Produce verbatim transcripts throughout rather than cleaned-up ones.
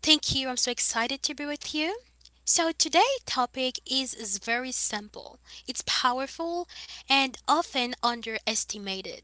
Thank you. I'm so excited to be with you. So today's topic is, is very simple. It's powerful and often underestimated.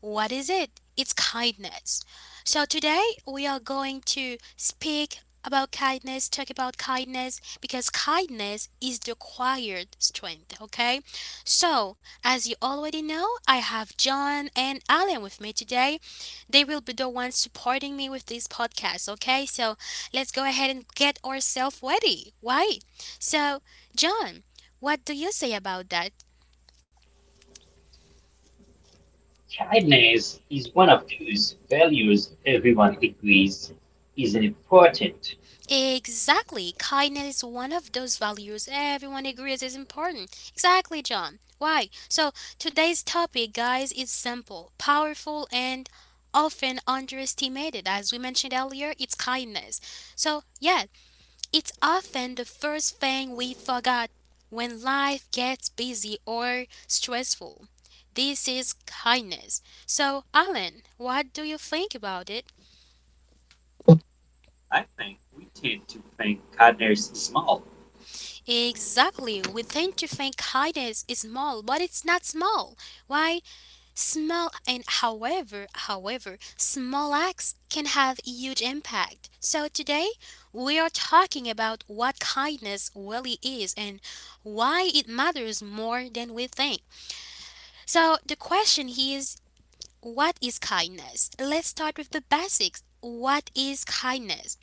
What is it? It's kindness. So today we are going to speak about kindness, talk about kindness because kindness is the acquired strength, okay? So, as you already know, I have John and Alan with me today. They will be the ones supporting me with this podcast, okay? So, let's go ahead and get ourselves ready, right? So, John, what do you say about that? Kindness is one of those values everyone agrees is important. Exactly. Kindness is one of those values everyone agrees is important. Exactly, John. Why? So, today's topic, guys, is simple, powerful, and often underestimated. As we mentioned earlier, it's kindness. So, yeah, it's often the first thing we forgot when life gets busy or stressful. This is kindness. So, Alan, what do you think about it? I think we tend to think kindness is small. Exactly. We tend to think kindness is small, but it's not small. Why? Small and however, however, small acts can have huge impact. So today, we are talking about what kindness really is and why it matters more than we think. So the question is, what is kindness? Let's start with the basics. What is kindness?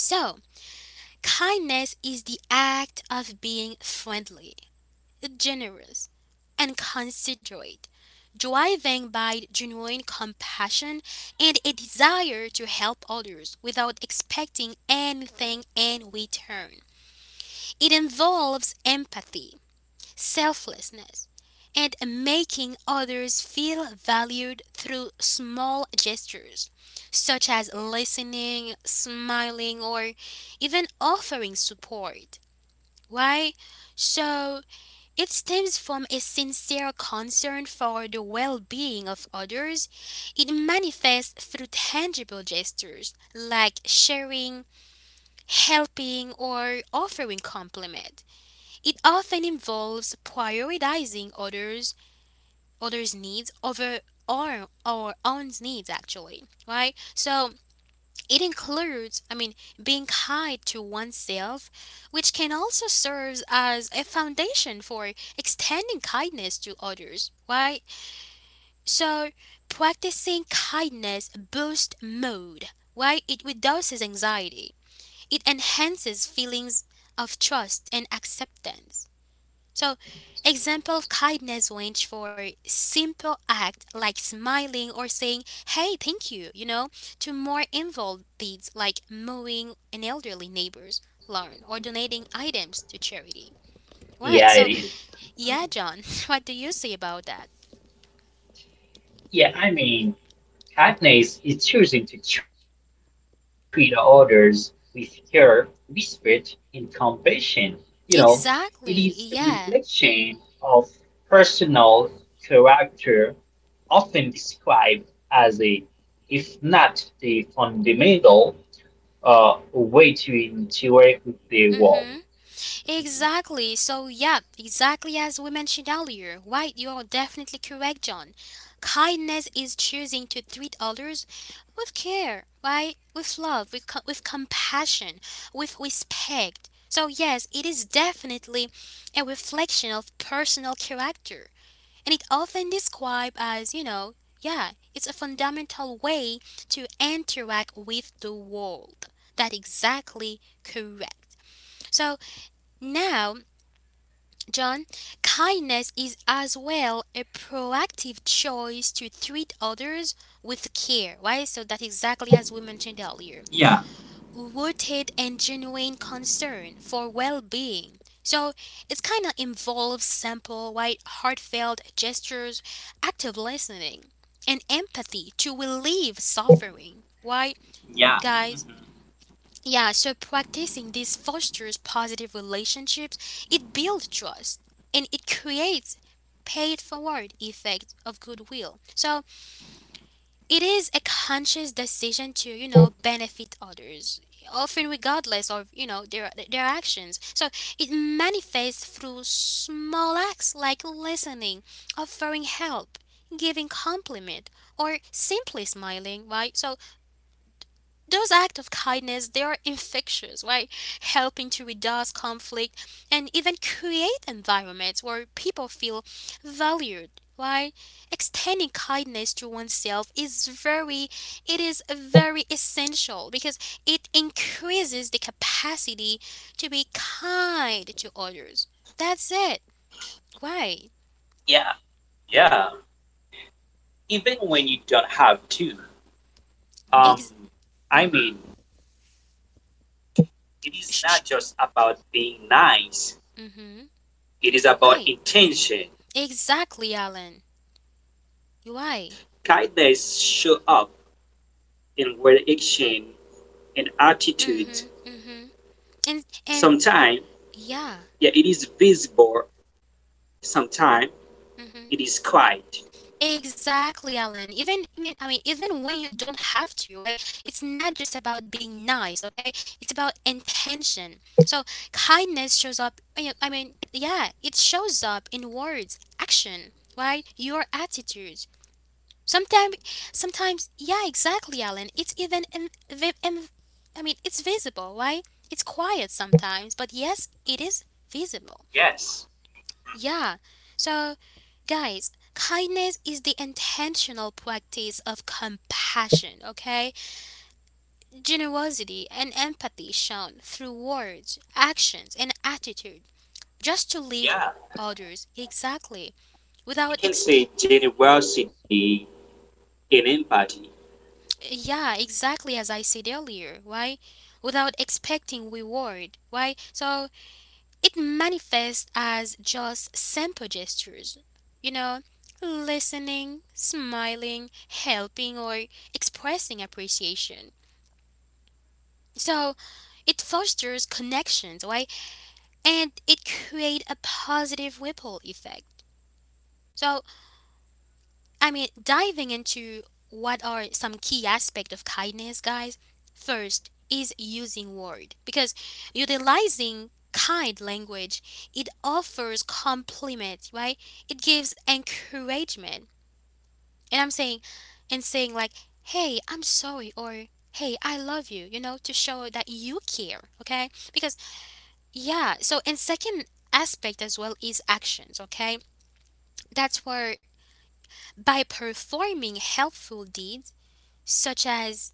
So, kindness is the act of being friendly, generous, and considerate, driven by genuine compassion and a desire to help others without expecting anything in return. It involves empathy, selflessness, and making others feel valued through small gestures, such as listening, smiling, or even offering support. Right? So, it stems from a sincere concern for the well being of others. It manifests through tangible gestures like sharing, helping, or offering compliment. It often involves prioritizing others others' needs over our, our own needs actually. Right? So it includes, I mean, being kind to oneself, which can also serve as a foundation for extending kindness to others, right? So, practicing kindness boosts mood, right? It reduces anxiety, it enhances feelings of trust and acceptance. So, example of kindness range for simple act like smiling or saying, hey, thank you, you know, to more involved deeds like mowing an elderly neighbor's lawn or donating items to charity. Right. Yeah, it So, is. yeah, John, what do you say about that? Yeah, I mean, kindness is choosing to treat others with care, respect, and compassion. You know, it is a Exactly. Yeah. reflection of personal character, often described as a, if not the fundamental, uh, way to interact with the Mm world. hmm. Exactly. So, yeah, exactly as we mentioned earlier, right? You are definitely correct, John. Kindness is choosing to treat others with care, right? With love, with, co- with compassion, with respect. So, yes, it is definitely a reflection of personal character. And it often described as, you know, yeah, it's a fundamental way to interact with the world. That exactly correct. So now John, kindness is as well a proactive choice to treat others with care, right? So that exactly as we mentioned earlier, Yeah, rooted and genuine concern for well-being. So it's kind of involves simple, right, heartfelt gestures, active listening, and empathy to relieve suffering. Why, yeah, mhm. guys? Yeah, so practicing this fosters positive relationships, it builds trust, and it creates pay it forward effect of goodwill. So it is a conscious decision to, you know, benefit others, often regardless of, you know, their their actions. So it manifests through small acts like listening, offering help, giving compliment, or simply smiling, right? So those acts of kindness they are infectious, right, helping to reduce conflict and even create environments where people feel valued, right. Extending kindness to oneself is very it is very essential because it increases the capacity to be kind to others. That's it, right. Yeah, yeah. Even when you don't have to. Um, Ex- I mm-hmm. mean, it is sh- not sh- just about being nice. mm-hmm. It is about Right, intention. exactly, Alan. Why? Kindness show up in word action and attitude. Mm-hmm, mm-hmm, and and Sometimes, yeah. yeah, it is visible. Sometimes Hmm. it is quiet. Exactly, Alan. Even I mean, I mean, even when you don't have to, right? It's not just about being nice, okay? It's about intention. So kindness shows up. I mean, I mean, yeah, it shows up in words, action, right? Your attitudes. Sometimes, sometimes, yeah, exactly, Alan. It's even, in, vi- in- I mean, it's visible, right? It's quiet sometimes, but yes, it is visible. Yes, Yeah. So, guys, kindness is the intentional practice of compassion, okay? Generosity and empathy shown through words, actions, and attitude just to lift yeah. others exactly We without can exp say generosity and empathy. yeah, exactly as I said earlier, right? Without expecting reward, right? So it manifests as just simple gestures, you know, listening, smiling, helping, or expressing appreciation. So it fosters connections, right? And it creates a positive ripple effect. So I mean, diving into what are some key aspect of kindness, guys. First is using word because utilizing kind language it offers compliment, right? It gives encouragement, and I'm saying, and saying like, "Hey, I'm sorry," or "Hey, I love you," you know, to show that you care. Okay, because yeah. So, and second aspect as well is actions. Okay, that's where by performing helpful deeds such as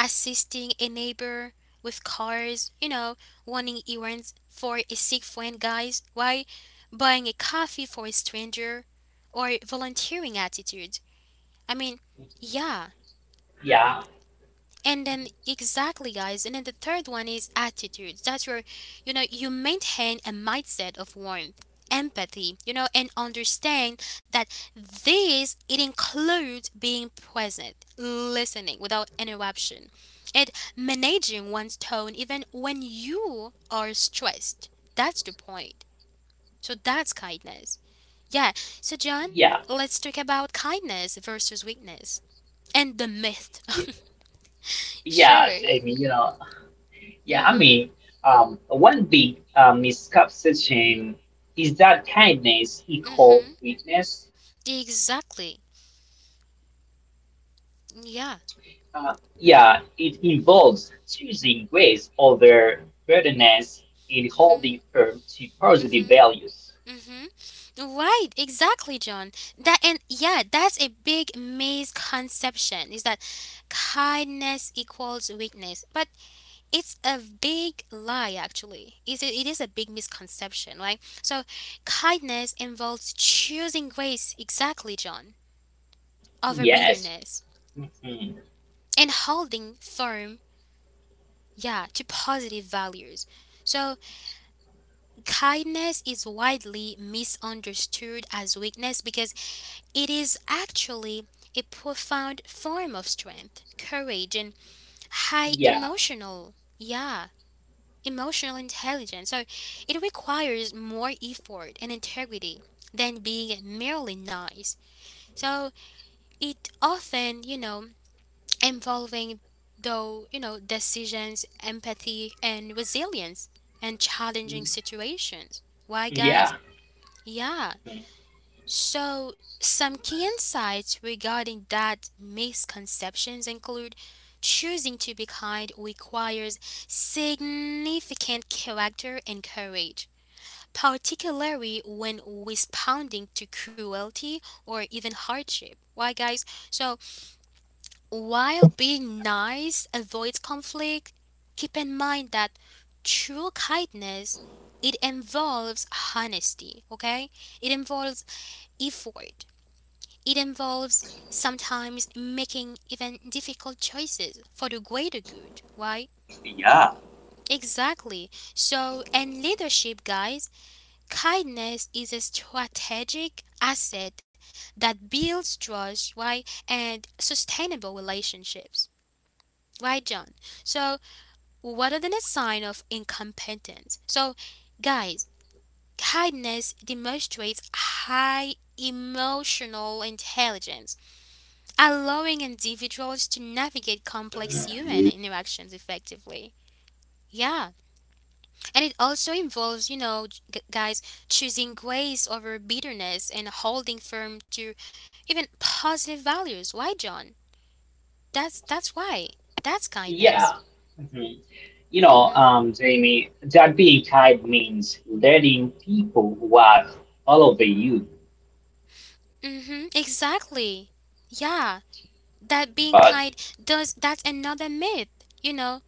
assisting a neighbor with cars, you know, running errands for a sick friend, guys, why? Buying a coffee for a stranger or volunteering attitude. I mean, yeah, Yeah, and then exactly guys, and then the third one is attitude. That's where you know you maintain a mindset of warmth, empathy, you know, and understand that this it includes being present, listening without interruption, and managing one's tone even when you are stressed. That's the point. So that's kindness. Yeah. So yeah, John, let's talk about kindness versus weakness and the myth. y- yeah, Sure. Jamie, you know, yeah, I Mhm. mean, um, one big uh, misconception is that kindness equals Mm-hmm. weakness. Exactly. Yeah. Uh, yeah, it involves choosing grace over burdenness and Mm-hmm. holding firm to positive Mm-hmm. values. Mm-hmm. Right. Exactly, John. That and yeah, that's a big misconception. Is that kindness equals weakness? But it's a big lie, actually. It's a, it is a big misconception, right? So, kindness involves choosing grace. Exactly, John, over Yes. bitterness Mhm. and holding firm. Yeah, to positive values. So kindness is widely misunderstood as weakness because it is actually a profound form of strength, courage, and high Yeah. emotional, yeah, emotional intelligence. So it requires more effort and integrity than being merely nice. So it often, you know, involving though, you know, decisions, empathy, and resilience and challenging Mm-hmm. situations. Why, guys? Yeah. Yeah. Mhm. So, some key insights regarding that misconceptions include choosing to be kind requires significant character and courage, particularly when responding to cruelty or even hardship. Why, guys? So, while being nice avoids conflict, keep in mind that true kindness it involves honesty, okay, it involves effort, it involves sometimes making even difficult choices for the greater good, right? Yeah, Exactly. So, in leadership, guys, kindness is a strategic asset that builds trust, right, and sustainable relationships, right, John? So, rather than a sign of incompetence. So, guys, kindness demonstrates high emotional intelligence allowing individuals to navigate complex human interactions effectively. Yeah, and it also involves, you know, g- guys, choosing grace over bitterness and holding firm to even positive values. Why, John? That's that's why. That's Yeah. kindness. Mm-hmm. You know, Mhm. um, Jamie, that being kind means letting people walk all over you. Mhm. Exactly. Yeah, that being But kind does that's another myth. You know,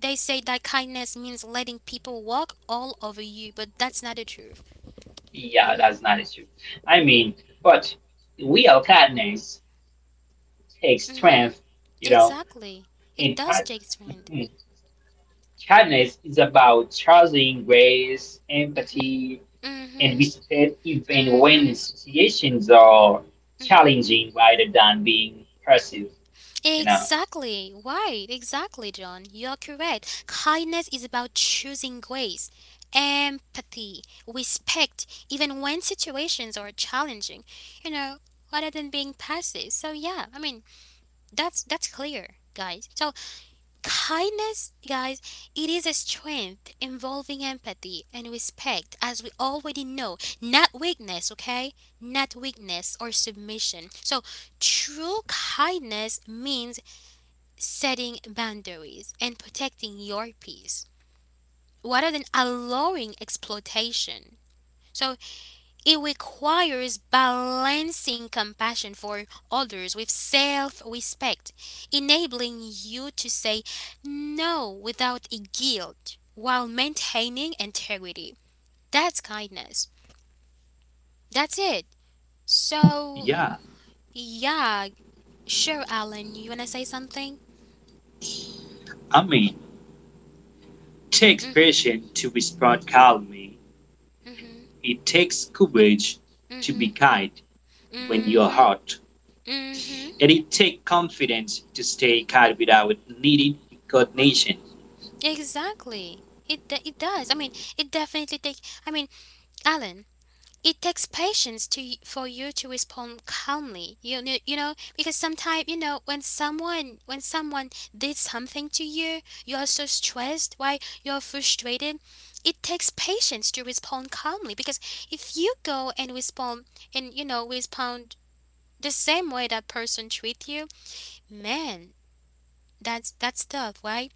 they say that kindness means letting people walk all over you, but that's not the truth. yeah, Mhm. that's not a true. I mean, but real kindness takes strength, you Mhm. know, and Exactly. kind- It does take Mhm, strength. kindness is about trusting grace, Mhm. empathy, and Mhm. respect even when Mhm. situations are Mhm. challenging rather than being passive, you know. Exactly. Right. Exactly, John. You're correct. Kindness is about choosing grace, empathy, respect, even when situations are challenging. You know, rather than being passive. So yeah, I mean, that's that's clear, guys. So kindness, guys, it is a strength involving empathy and respect, as we already know, not weakness, okay? Not weakness or submission. So, true kindness means setting boundaries and protecting your peace rather than allowing exploitation. So, it requires balancing compassion for others with self respect, enabling you to say no without guilt while maintaining integrity. That's kindness. That's it. So, yeah. yeah, sure, Alan, you wanna say something? I mean, it takes Mm-hmm, patience to be spot calmly, mm-hmm, it takes courage to be mm-hmm, kind when you're mm-hmm, hurt, mm-hmm. and it takes confidence to stay kind without needing recognition. Exactly. It, de- it does. I mean, it definitely takes. I mean, Alan, it takes patience to for you to respond calmly you know you know because sometimes you know when someone when someone did something to you you are so stressed why you're frustrated. It takes patience to respond calmly because if you go and respond and you know respond the same way that person treat you, man, that's that's tough, right.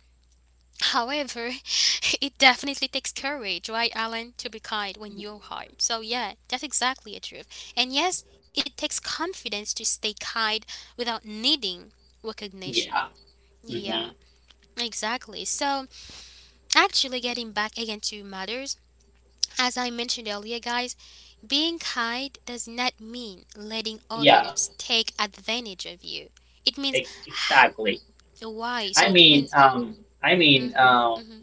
However, it definitely takes courage, right, Alan, to be kind when you're hard. So, yeah, that's exactly a truth. And yes, it takes confidence to stay kind without needing recognition. Yeah. Hmm. Yeah, exactly. So, actually, getting back again to matters, as I mentioned earlier, guys, being kind does not mean letting Yeah. others take advantage of you. It means Ex- Exactly. why. I So, it mean, means, um, I mean, hmm. um, Hmm.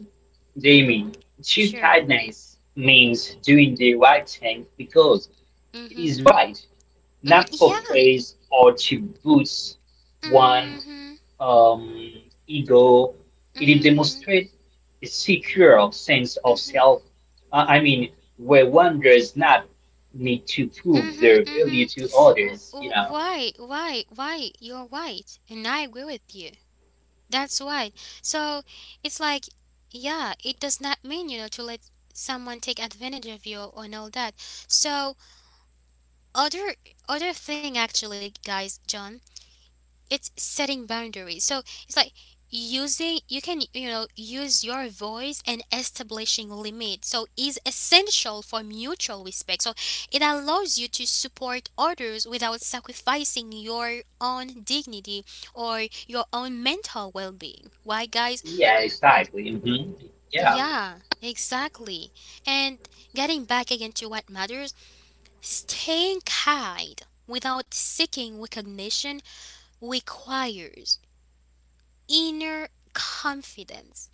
Jamie, true Sure. kindness means doing the right thing because it Mm-hmm. is right, Mm, not for yeah. praise or to boost one Mhm. um, ego. It Mhm. demonstrates a secure sense of Mhm. self. Uh, I mean, where one does not need to prove Mhm. their value Mhm. to W- others. You w- know. Why? Why? Why? You're right, and I agree with you. That's right. So it's like, yeah, it does not mean you know to let someone take advantage of you and all that. So other other thing actually, guys, John. It's setting boundaries. So it's like using you can you know use your voice and establishing limits. So is essential for mutual respect. So it allows you to support others without sacrificing your own dignity or your own mental well-being. Why, guys? Yeah. Exactly. Hmm. Yeah. Yeah, exactly. And getting back again to what matters, staying kind without seeking recognition requires inner confidence,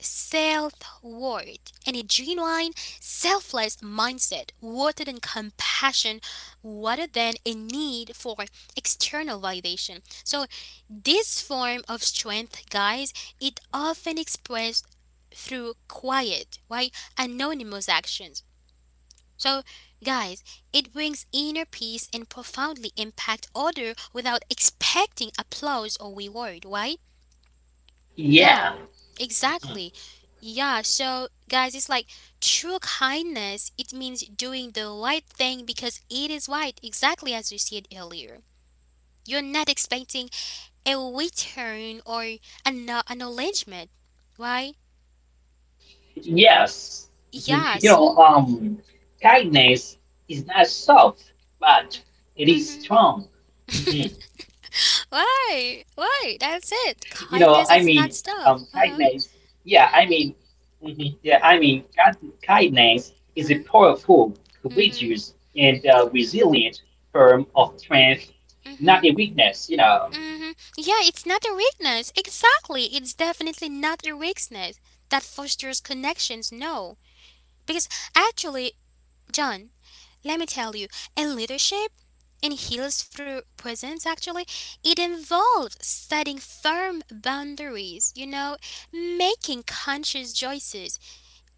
self worth, and a genuine, selfless mindset rooted in compassion rather than a need for external validation. So, this form of strength, guys, it often expressed through quiet, right, anonymous actions. So, guys, it brings inner peace and profoundly impact others without expecting applause or reward, right? Yeah. Yeah, exactly. Yeah, so guys, it's like true kindness, it means doing the right thing because it is right, exactly as you said earlier. You're not expecting a return or an acknowledgement, right? Yes. Mhm. You Yes. know, um, kindness is not soft, but it is Mm-hmm. strong. Mhm. You Why? know, I Why? mean, That's it. um, Kindness is kindness, not yeah, stuff. I Uh-huh. mean, mhm, yeah, I mean, kind- kindness is a powerful, Uh-huh. courageous, Mm-hmm. and uh, resilient form of strength, not a Mm-hmm. weakness, you know. Hmm. Yeah, it's not a weakness. Exactly. It's definitely not a weakness that fosters connections. No. Because actually, John, let me tell you, in leadership, in heals through presence, actually, it involves setting firm boundaries, you know, making conscious choices,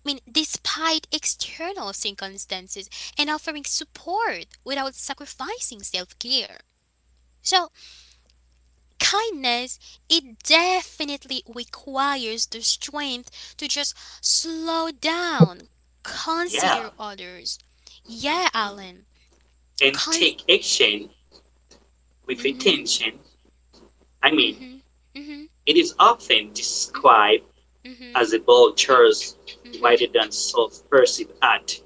I mean, despite external circumstances, and offering support without sacrificing self care. So, kindness, it definitely requires the strength to just slow down, Yeah, consider others. Yeah, Alan. and Con- take action with mhm, intention. I mean, mhm, mhm, it is often mhm, described mhm, as a bold choice mhm. rather than self-perceived act.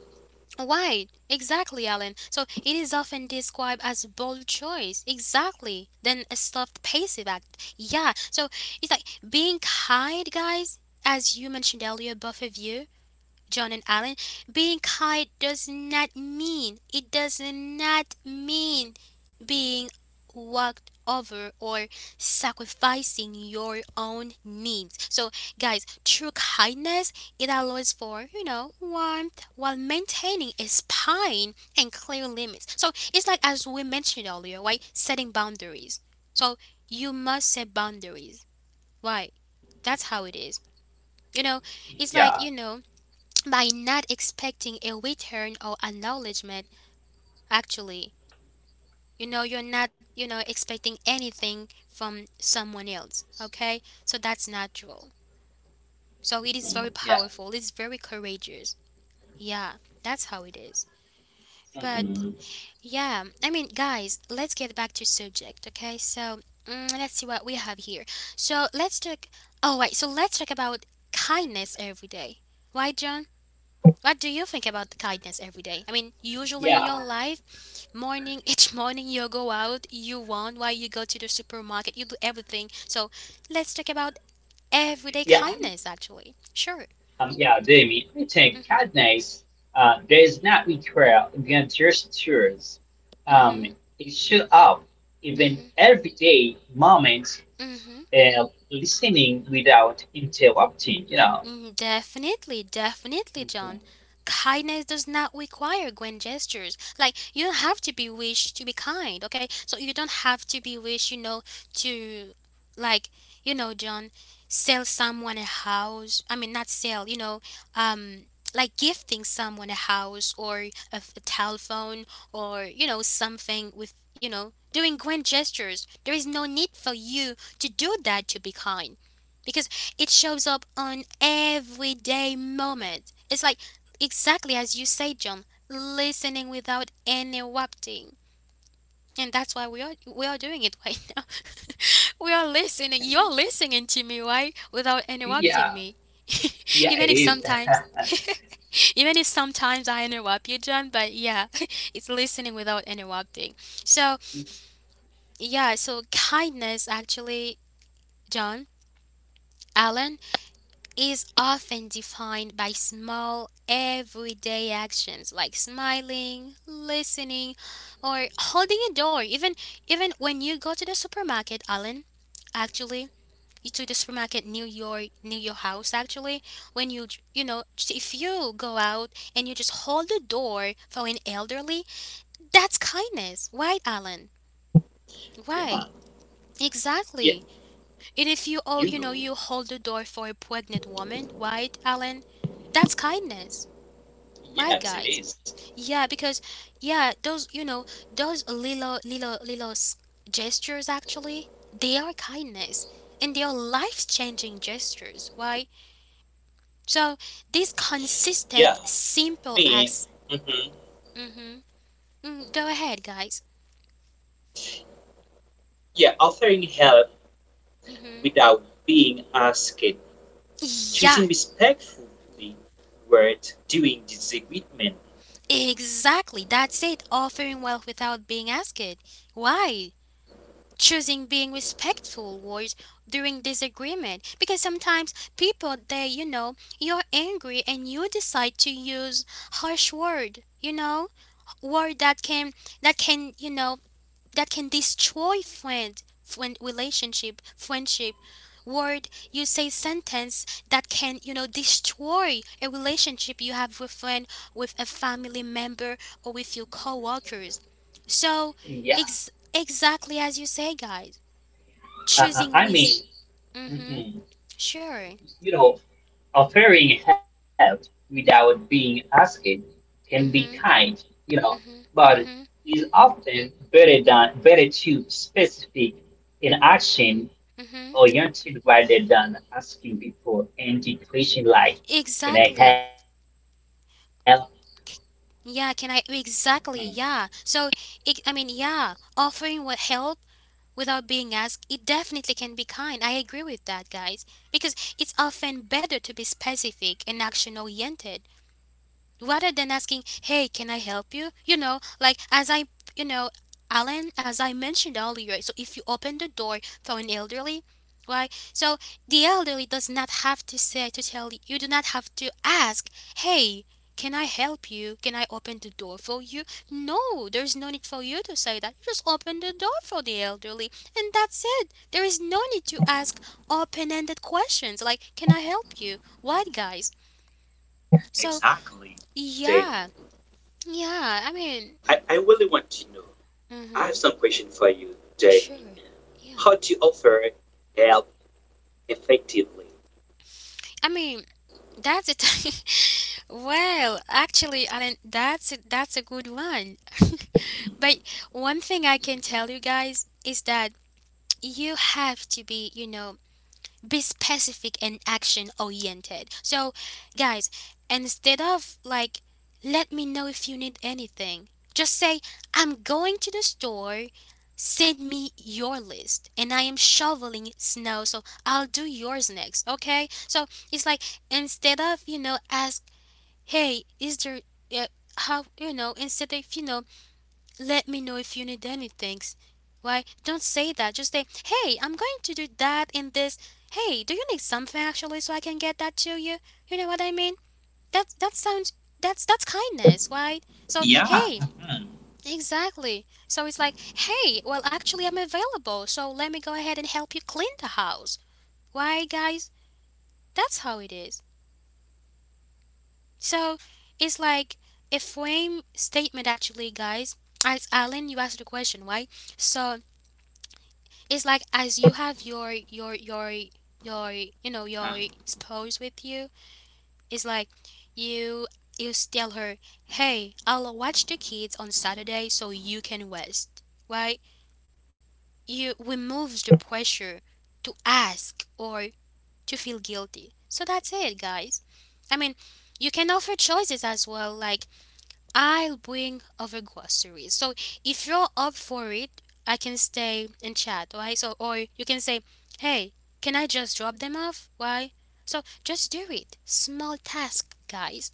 Right, exactly, Alan. So it is often described as a bold choice, exactly, than a soft passive act. Yeah, so it's like being kind, guys, as you mentioned earlier, both of you John and Alan, being kind does not mean, it does not mean being walked over or sacrificing your own needs. So, guys, true kindness, it allows for, you know, warmth while maintaining a spine and clear limits. So, it's like as we mentioned earlier, right? Setting boundaries. So, you must set boundaries. Why? That's how it is. You know, it's Yeah. like, you know, by not expecting a return or acknowledgement actually you know you're not you know expecting anything from someone else, okay, so that's natural. So it is Mhm. very Yeah. powerful, it's very courageous. Yeah, that's how it is. But Mhm. yeah, I mean, guys, let's get back to subject, okay? So mm, let's see what we have here. So let's talk, oh wait, so let's talk about kindness every day. Why? What do you think about kindness every day? I mean, usually in Yeah. your life, morning, each morning you go out, you want why you go to the supermarket, you do everything. So let's talk about everyday Yeah, kindness actually. Sure. Um, yeah, Jamie, I think Mm-hmm. Cadence uh, does not require gestures. Um, Mm-hmm. it shows up even Mm-hmm. everyday moments Mm-hmm. of listening without interrupting, you know. Mm, definitely, definitely, Mhm. John. Kindness does not require grand gestures. Like you don't have to be wished to be kind, okay? So you don't have to be wished, you know, to like, you know, John, sell someone a house. I mean, not sell, you know, um like gifting someone a house or a, f- a telephone or you know something with you know doing grand gestures. There is no need for you to do that to be kind because it shows up on everyday moment. It's like exactly as you say, John, listening without interrupting. And that's why we are we are doing it right now. We are listening. You're listening to me, right? Without interrupting Yeah, me. yeah, Even it if is. sometimes even if sometimes I interrupt you, John, but yeah, it's listening without interrupting. So, yeah, so kindness actually, John, Alan, is often defined by small everyday actions like smiling, listening, or holding a door. Even even when you go to the supermarket, Alan, actually, you to the supermarket near your near your house actually, when you you know, if you go out and you just hold the door for an elderly, that's kindness. Right, Alan? Right. Yeah, Exactly. yeah, And if you, oh, you know, you you know, hold the door for a pregnant woman, right, Alan? That's kindness. Right, guys? yes, it is. Yeah, because yeah, those you know those little little little s- gestures actually, they are kindness and they are life changing gestures. Right? So these Yeah, consistent I simple mean, acts. mhm. Mm-hmm. Mm, go ahead, guys. Yeah, offering help Mm-hmm. without being asked, Yeah, choosing respectfully words during disagreement. exactly. That's it. Offering wealth without being asked. Why? Choosing being respectful words during disagreement, because sometimes people they you know you're angry and you decide to use harsh word, you know, word that can that can you know that can destroy friend friend relationship, friendship, word you say, sentence that can you know destroy a relationship you have with friend, with a family member, or with your co-workers. So Yeah, ex- exactly as you say, guys, uh, uh, choosing I mean, with mhm, mhm. sure, You know, offering help without being asked can be kind, mhm, you know, mhm, but mhm, is often better than better to specific in action mhm, oriented rather than asking before and decreasing like, can I help? exactly, C- yeah, can I, exactly, yeah. So it, I mean, yeah, offering what help without being asked, it definitely can be kind. I agree with that, guys, because it's often better to be specific and action oriented rather than asking, "Hey, can I help you?" You know, like as I, you know, Alan, as I mentioned earlier, so if you open the door for an elderly, right? So the elderly does not have to say to tell you. You do not have to ask, "Hey, can I help you? Can I open the door for you?" No, there's no need for you to say that. You just open the door for the elderly, and that's it. There is no need to ask open-ended questions like, "Can I help you?" What, guys? So, Exactly, Jamie. yeah, yeah, I mean, I, I really want to know. I have hmm, some question for you, Jamie. sure. Yeah, How to offer help effectively? I mean that's it. Well, actually, Alan, that's a, that's a good one. But one thing I can tell you, guys, is that you have to be, you know, be specific and action oriented. So, guys, instead of like, let me know if you need anything, just say, I'm going to the store, send me your list, and I am shoveling snow, so I'll do yours next, okay? So, it's like, instead of, you know, ask, hey, is there, uh, how, you know, instead of, you know, let me know if you need anything. Why, don't say that. Just say, hey, I'm going to do that and this. Hey, do you need something actually so I can get that to you? You know what I mean? That that sounds that's that's kindness, right? So Yeah, hey, exactly. So it's like, hey, well actually I'm available, so let me go ahead and help you clean the house. Why, guys? That's how it is. So it's like a frame statement actually, guys. As Alan, you asked the question, right? So it's like as you have your your your your you know mm, your spouse with you, it's like you you tell her, hey, I'll watch the kids on Saturday so you can rest, right? You removes the pressure to ask or to feel guilty. So that's it, guys. I mean, you can offer choices as well, like I'll bring over groceries. So if you're up for it, I can stay and chat, right? So or you can say, "Hey, can I just drop them off?" Why? So just do it. Small task, guys.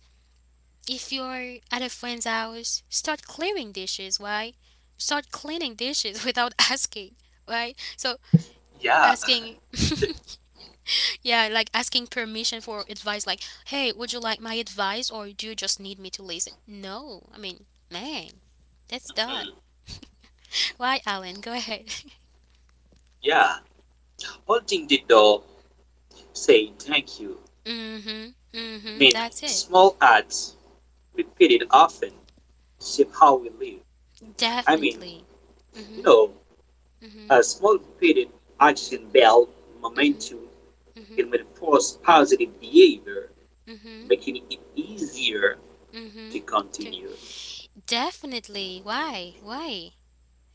If you're at a friend's house, start clearing dishes, why? Start cleaning dishes without asking, right? So Yeah, asking yeah, like asking permission for advice, like, hey, would you like my advice or do you just need me to listen? No, I mean, man, that's that. mm, Why, Alan? Go ahead. yeah. Holding the door, saying thank you. Mm-hmm, mm-hmm, Mean that's it. small acts repeated often shape how we live. I mean, Definitely. you Mm-hmm, know, mm-hmm, a small repeated action build mm-hmm, momentum. mm-hmm, It reinforces positive behavior, mm-hmm, making it easier mm-hmm. to continue. Definitely. Why? Why?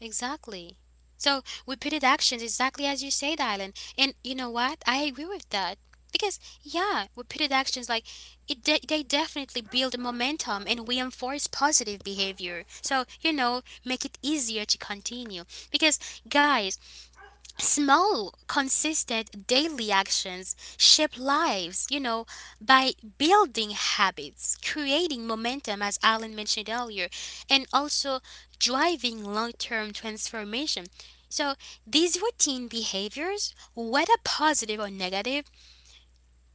Exactly. So repeated actions, exactly as you said, Dylan. And you know what? I agree with that, because yeah, repeated actions like it de- they definitely build momentum and reinforce positive behavior. So you know, make it easier to continue because, guys, small, consistent daily actions shape lives, you know, by building habits, creating momentum, as Alan mentioned earlier, and also driving long term transformation. So, these routine behaviors, whether positive or negative,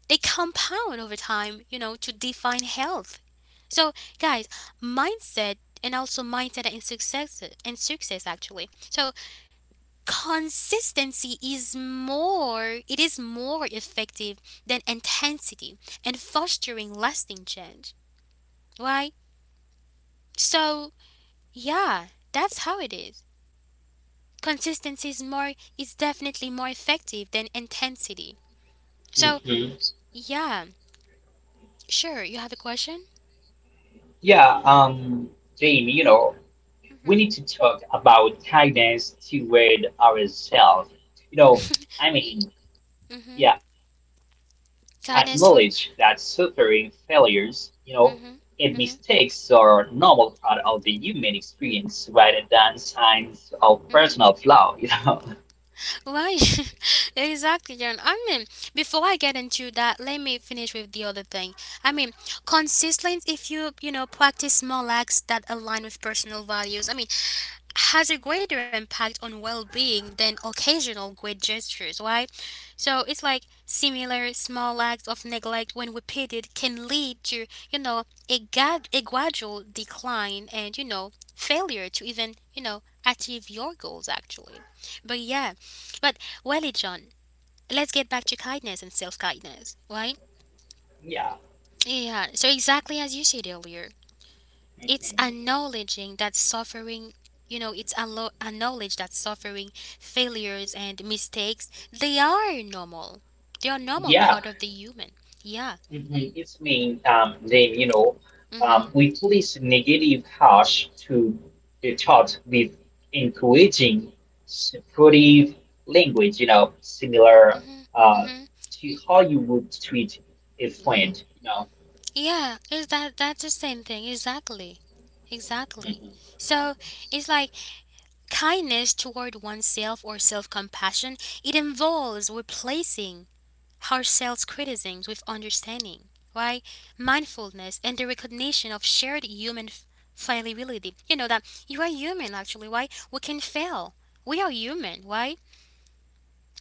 they compound over time, you know, to define health. So, guys, mindset and also mindset and success and success actually. So, consistency is more, it is more effective than intensity and fostering lasting change. Why? So yeah, that's how it is. Consistency is more, is definitely more effective than intensity. So Mhm. yeah, sure, you have a question? Yeah, um, Jamie, you know, we Mm-hmm. need to talk about kindness toward ourselves. You know, I mean, yeah, Mm-hmm. acknowledge that suffering, Kindness toward failures, you know, and mistakes mm-hmm. are Mm-hmm. normal part of the human experience rather than signs of personal flaw, you know. Why? Exactly, John. I mean, before I get into that, let me finish with the other thing. I mean, consistently, if you, you know, practice small acts that align with personal values, I mean, has a greater impact on well-being than occasional great gestures, right? So it's like similar small acts of neglect when repeated can lead to, you know, a, grad- a gradual decline and you know failure to even you know achieve your goals actually. But yeah, but well, John, let's get back to kindness and self-kindness, right? Yeah. Yeah, so exactly as you said earlier, it's Mhm. acknowledging that suffering, you know, it's allo- acknowledge that suffering, failures, and mistakes, they are normal. They are normal Yeah. part of the human. Yeah. Mhm. It's mean, um, Dave, you know, Mm-hmm. um, we place negative harsh to the thought with encouraging supportive language, you know, similar Mm-hmm. uh, Mm-hmm. to how you would treat a Mm-hmm. friend, you know. Yeah, is that that's the same thing exactly. Exactly. Mhm. So, it's like kindness toward oneself or self-compassion, it involves replacing self criticism with understanding, right? Mindfulness and the recognition of shared human f- fallibility. You know that you are human, actually, right? We can fail. We are human, right?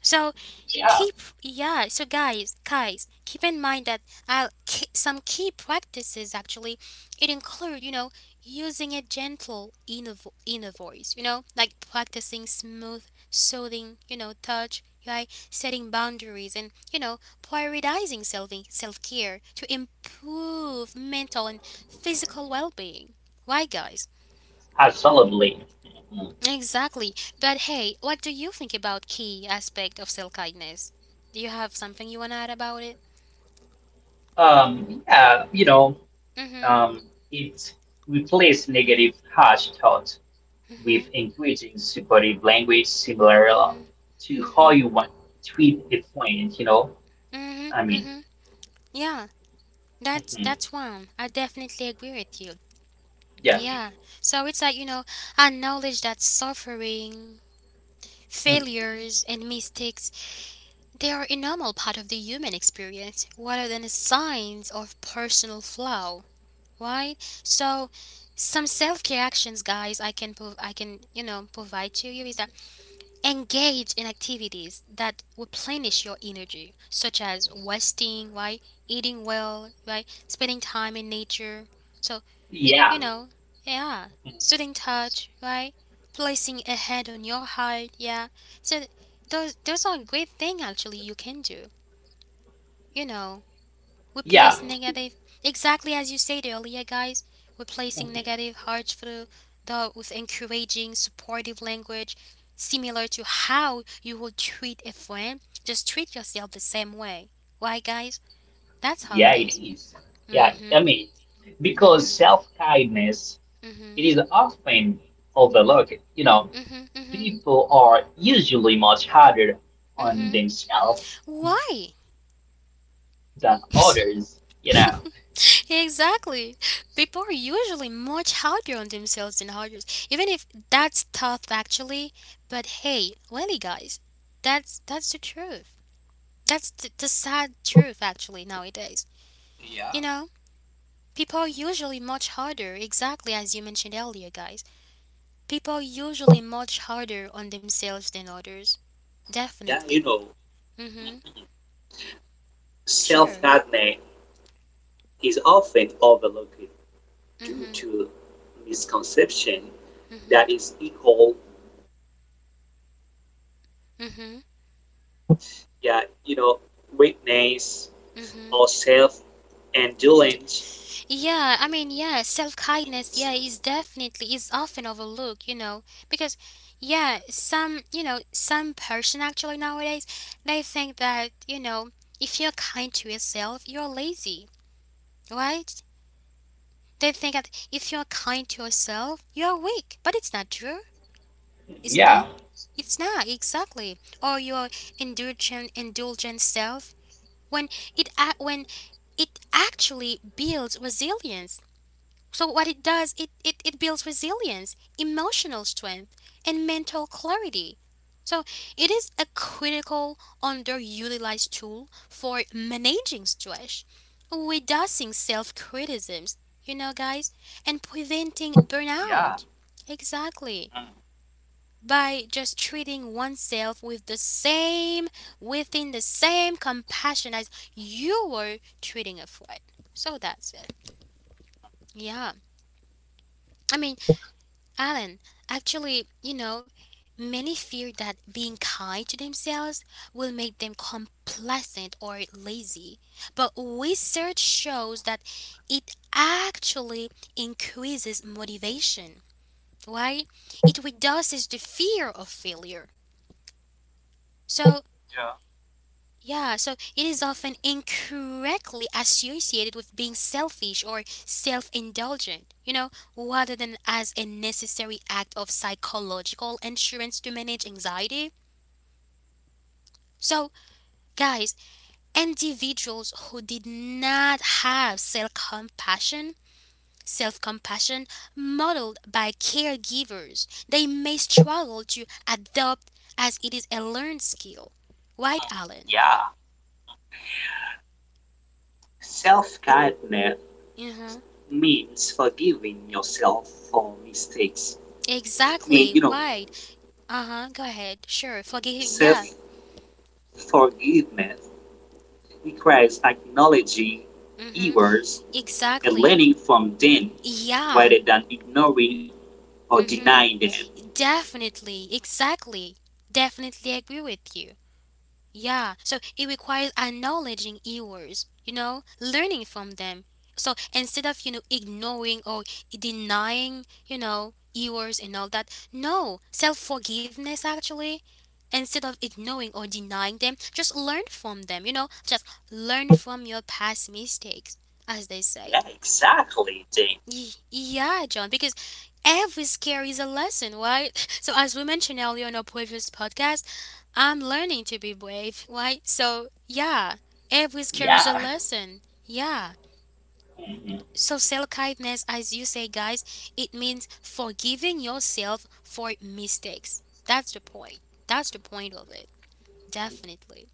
So Yeah, keep yeah so guys guys keep in mind that uh, ki- some key practices actually, it include, you know, using a gentle inner, vo- inner voice, you know, like practicing smooth, soothing, you know, touch, right? Setting boundaries and, you know, prioritizing self self-care to improve mental and physical well-being. Why, guys? absolutely. Mhm. Exactly. But hey, what do you think about key aspect of self-kindness? Do you have something you want to add about it? Um, yeah, you know, Mhm. um, it replace negative harsh thought with Mhm. engaging supportive language similar uh, Mhm. to how Mhm. you want tweet a point, you know? Mhm. I mean, Mhm. Yeah. That's mhm, that's one. I definitely agree with you. yeah. Yeah. So it's like, you know, acknowledge that suffering, Mhm, failures and mistakes, they are a normal part of the human experience rather than a signs of personal flaw. Why? So some self-care actions, guys, I can prov- I can, you know, provide to you is that engage in activities that replenish your energy such as resting, right? Eating well, right? Spending time in nature. So, yeah. you know, yeah, Mhm, soothing touch, right? Placing a head on your heart, yeah. So those those are great thing actually you can do, you know. We yeah. place negative, exactly as you said earlier, guys. We're placing Mhm, negative hard through the with encouraging, supportive language, similar to how you would treat a friend. Just treat yourself the same way. Why, guys? That's how it yeah, mm it is. is. Yeah, I mm mean, because Mhm. self kindness mm it Mhm. is often overlooked. You know, mm Mhm. Mm-hmm. Mhm. mm people are usually much harder Mhm. on Mhm. themselves than Why? others. You know. Exactly. People are usually much harder on themselves than others, even if that's tough actually. But hey, really, guys, that's that's the truth. That's the, the sad truth actually nowadays. Yeah. You know, people are usually much harder, exactly as you mentioned earlier, guys. People are usually much harder on themselves than others. Yeah, you Definitely. know, Mhm. self Sure. hardening is often overlooked due Mhm. to misconception Mhm. that is equal, Mhm. yeah, you know, weakness Mhm. or self And indulgence. yeah, I mean, yeah, self kindness, yeah, is definitely is often overlooked, you know, because yeah, some, you know, some person actually nowadays, they think that, you know, if you're kind to yourself, you're lazy, right? They think that if you're kind to yourself, you're weak, but it's not true, isn't Yeah. it? It's not exactly, or your indulgent indulgent self when it ac- when it actually builds resilience. So what it does, it, it, it builds resilience, emotional strength, and mental clarity. So it is a critical underutilized tool for managing stress, reducing self-criticisms, you know, guys, and preventing Yeah. burnout. Exactly. Mm. By just treating oneself with the same, within the same compassion as you were treating a friend. So that's it. Yeah. I mean, Alan, actually, you know, many fear that being kind to themselves will make them complacent or lazy, but research shows that it actually increases motivation, right? It reduces the fear of failure. So, Yeah. yeah, so it is often incorrectly associated with being selfish or self indulgent, you know, rather than as a necessary act of psychological insurance to manage anxiety. So, guys, individuals who did not have self compassion, self compassion modeled by caregivers, they may struggle to adopt as it is a learned skill. Right, Alan? Yeah, self kindness Mm-hmm. means forgiving yourself for mistakes. I mean, Exactly. you know, Why? Uh-huh, go ahead. Sure, forgive him. self Yeah. forgiveness requires acknowledging Mm-hmm. errors and Exactly. learning from them Yeah. rather than ignoring or denying Mm-hmm. them. Definitely. Exactly. Definitely agree with you. Yeah. So it requires acknowledging errors, you know, learning from them. So instead of, you know, ignoring or denying, you know, errors and all that, no, self-forgiveness actually, instead of ignoring or denying them, just learn from them, you know, just learn from your past mistakes, as they said. Yeah, exactly, Jane. Ye- yeah, John, because every scare is a lesson, right? So as we mentioned earlier in our previous podcast, I'm learning to be brave, right? So yeah, every scare is a Yeah. lesson, yeah. So self-kindness, as you say, guys, it means forgiving yourself for mistakes. That's the point. That's the point of it. Definitely.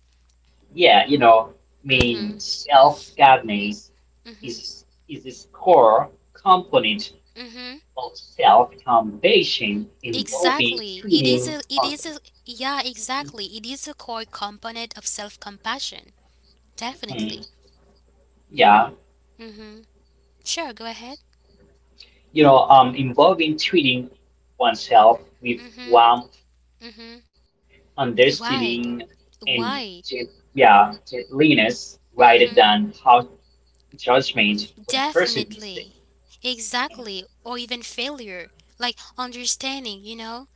Yeah, you know, I mean, Mm-hmm. self governance Mm-hmm. is is this core component Mm-hmm. of self accommodation involving Exactly. It is treating a it on. is a yeah, exactly. It is a core component of self-compassion. Mhm. Definitely. Yeah, Mm-hmm. Sure, go ahead. you know, um, involving treating oneself with Mm-hmm. warmth, Mm-hmm. understanding, Right. and gen- Right. yeah, gentleness rather than Mm-hmm. harsh judgment when person mistakes. Definitely. Mhm. Exactly. Or even failure. Like understanding, you know?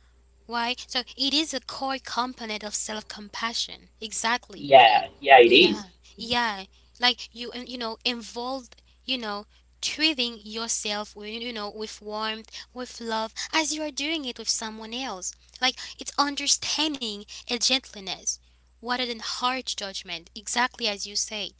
Why? So it is a core component of self compassion. Exactly. Yeah, yeah, it is. Yeah, yeah. Like you, uh, you know, involved, you know, treating yourself with, you know, with warmth, with love, as you are doing it with someone else. Like it's understanding and gentleness, rather than harsh judgment. Exactly as you say.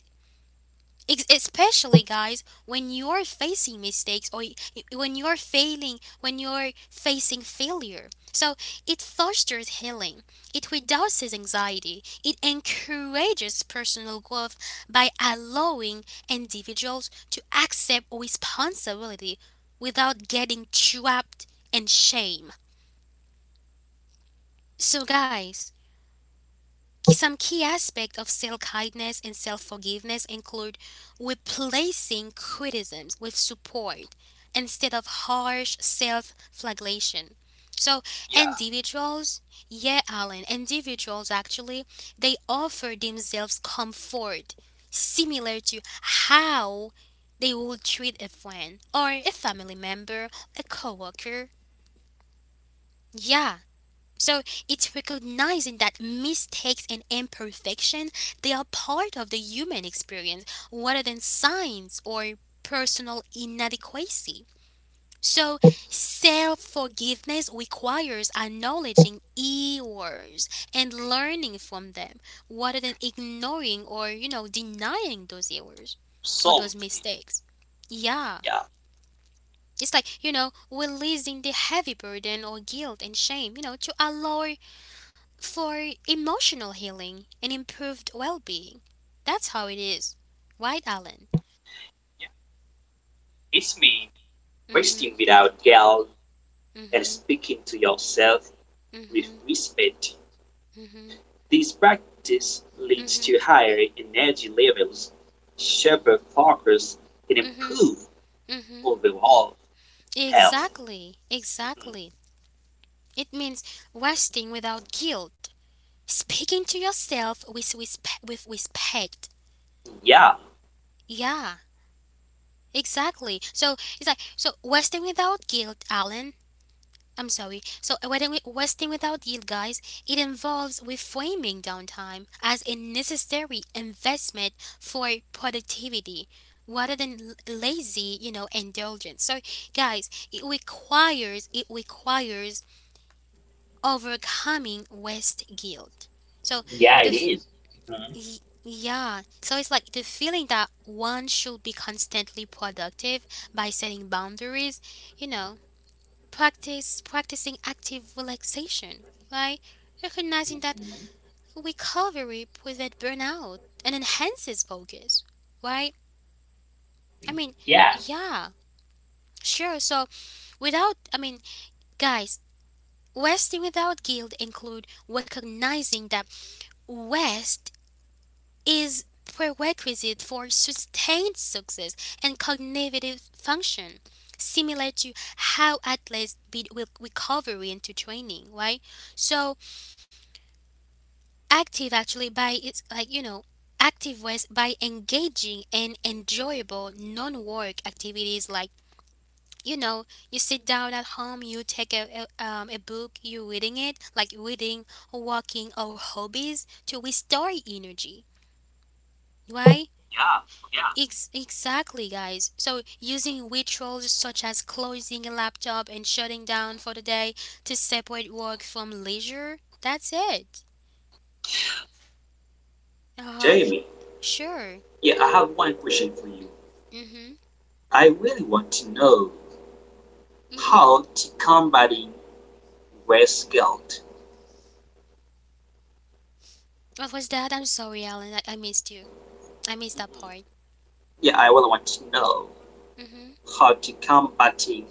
Ex- especially, guys, when you're facing mistakes or y- when you're failing, when you're facing failure. So it fosters healing, it reduces anxiety, it encourages personal growth by allowing individuals to accept responsibility without getting trapped in shame. So, guys, some key aspects of self kindness and self forgiveness include replacing criticisms with support instead of harsh self flagellation. So, Yeah, individuals, yeah, Alan, individuals actually, they offer themselves comfort similar to how they would treat a friend or a family member, a coworker. Yeah. So it's recognizing that mistakes and imperfection, they are part of the human experience rather than signs or personal inadequacy. So self-forgiveness requires acknowledging errors and learning from them rather than ignoring or, you know, denying those errors or those absolutely. mistakes. Yeah. Yeah, It's like, you know, releasing the heavy burden or guilt and shame, you know, to allow for emotional healing and improved well being. That's how it is. Right, Alan? this means Mm hmm. resting without guilt Mm and hmm. speaking to yourself Mm with hmm. respect. Mm hmm. This practice Mm leads hmm. to higher energy levels, sharper focus, and Mm hmm. improved Mm hmm. overall health. Exactly. Exactly. It means resting without guilt, speaking to yourself with, respe- with respect. Yeah, Yeah, exactly. So it's like, so resting without guilt, Alan, I'm sorry. So, wedding- wasting without yield, guys, it involves reframing downtime as a necessary investment for productivity rather than l- lazy, you know, indulgence. So, guys, it requires it requires overcoming waste guilt. So, Yeah, the it f- is. Mm-hmm. y- yeah, so it's like the feeling that one should be constantly productive by setting boundaries, you know, Practice practicing active relaxation by recognizing that Mhm. recovery prevents burnout and enhances focus. Right? I mean, Yeah, yeah, sure. So without, I mean, guys, resting without guilt include recognizing that rest is prerequisite for sustained success and cognitive function, similar to how athletes build recovery into training, right? So active actually, by, it's like, you know, active ways by engaging in enjoyable non-work activities like, you know, you sit down at home, you take a, a, um, a book, you reading it, like reading, walking or hobbies to restore energy, right? yeah. Ex- exactly, guys, so using rituals such as closing a laptop and shutting down for the day to separate work from leisure, that's it. Uh-huh. Jamie, Sure. yeah, I have one question for you. Mm-hmm. I really want to know Mm-hmm. how to combating waste guilt. What was that? I'm sorry, Alan. I, I missed you. I missed that Mhm. part. Yeah, I really want to know Mhm. how to combating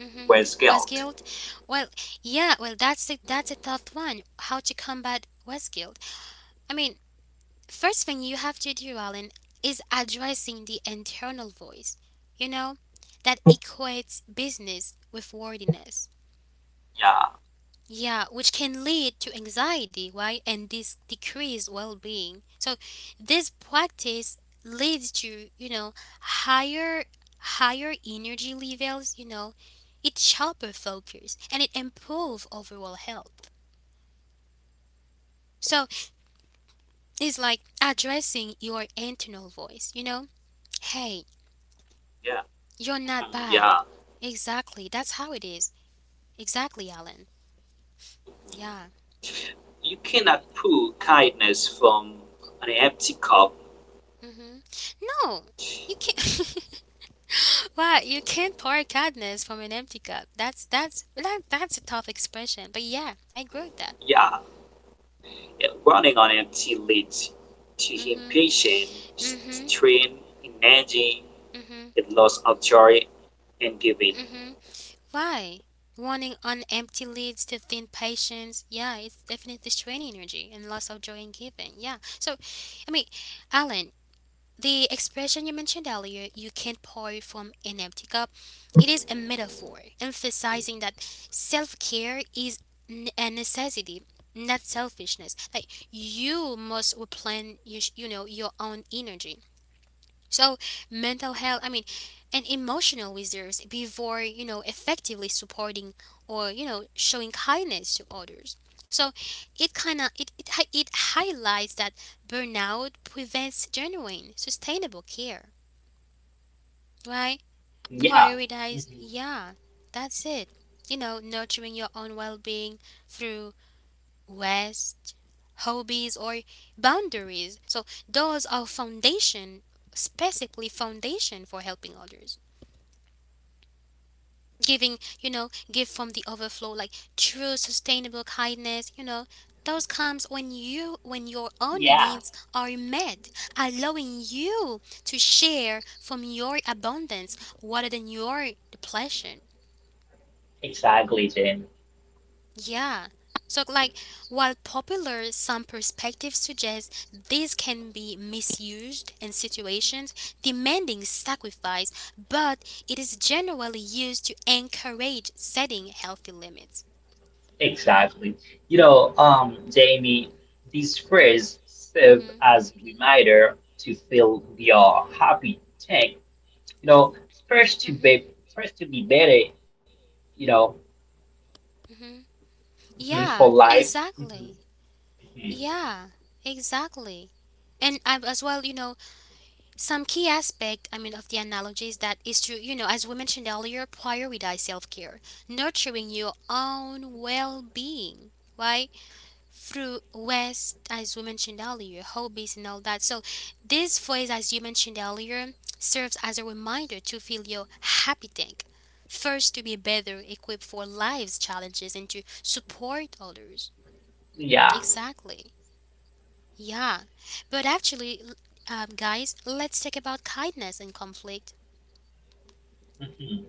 Mhm. waste Was guilt. guilt? Well, yeah. Well, that's the, that's a tough one. How to combat was guilt? I mean, first thing you have to do, Alan, is addressing the internal voice. You know, that equates business with worthiness. Yeah, Yeah, which can lead to anxiety, right? And this decreased well being. So this practice leads to, you know, higher higher energy levels, you know, it's sharper focus and it improve overall health. So it's like addressing your internal voice, you know? Hey, yeah, you're mm, not bad. yeah. Exactly. That's how it is. Exactly, Alan. Yeah. You cannot pour kindness from an empty cup. Mm-hmm. No, you can't. Wow, you can't pour kindness from an empty cup. That's that's that, that's a tough expression, but yeah, I agree with that. Yeah, yeah, running on empty leads to Mhm, impatience, s- mhm, strain, energy, mhm, and loss of joy and giving. mhm. Why? Running on empty leads to thin patience. Yeah, it's definitely strain energy and loss of joy in giving. Yeah. So, I mean, Alan, the expression you mentioned earlier, you can't pour from an empty cup, it is a metaphor emphasizing that self care is n- a necessity, not selfishness. Like you must replan, you, sh- you know, your own energy. So mental health, I mean, and emotional reserves before, you know, effectively supporting or, you know, showing kindness to others. So it kind of it, it hi- it highlights that burnout prevents genuine sustainable care, right? yeah, Prioritize, hmm, yeah, that's it. You know, nurturing your own well-being through rest, hobbies or boundaries. So those are foundation, specifically foundation for helping others. Giving, you know, give from the overflow, like true sustainable kindness, you know, those comes when you, when your own yeah, needs are met, allowing you to share from your abundance rather than your depletion. exactly, Jane. Yeah. So like, while popular some perspectives suggest this can be misused in situations demanding sacrifice, but it is generally used to encourage setting healthy limits. Exactly. You know, um, Jamie, these Mm-hmm. phrases serve Mhm. as a reminder to feel we are happy, tank. You know, first to Mhm. be, first to be better. You know, Mhm. mhm, Yeah, for life. Mhm, exactly. mhm. Yeah, exactly. And I, as well, you know, some key aspect, I mean, of the analogy is that is to, you know, as we mentioned earlier, prioritize self care, nurturing your own well being, right? Through West, as we mentioned earlier, hobbies and all that. So, this phrase, as you mentioned earlier, serves as a reminder to feel your happy tank. First, to be better equipped for life's challenges and to support others. Yeah. Exactly. Yeah. But actually, l- um, guys, let's talk about kindness and conflict. Mhm.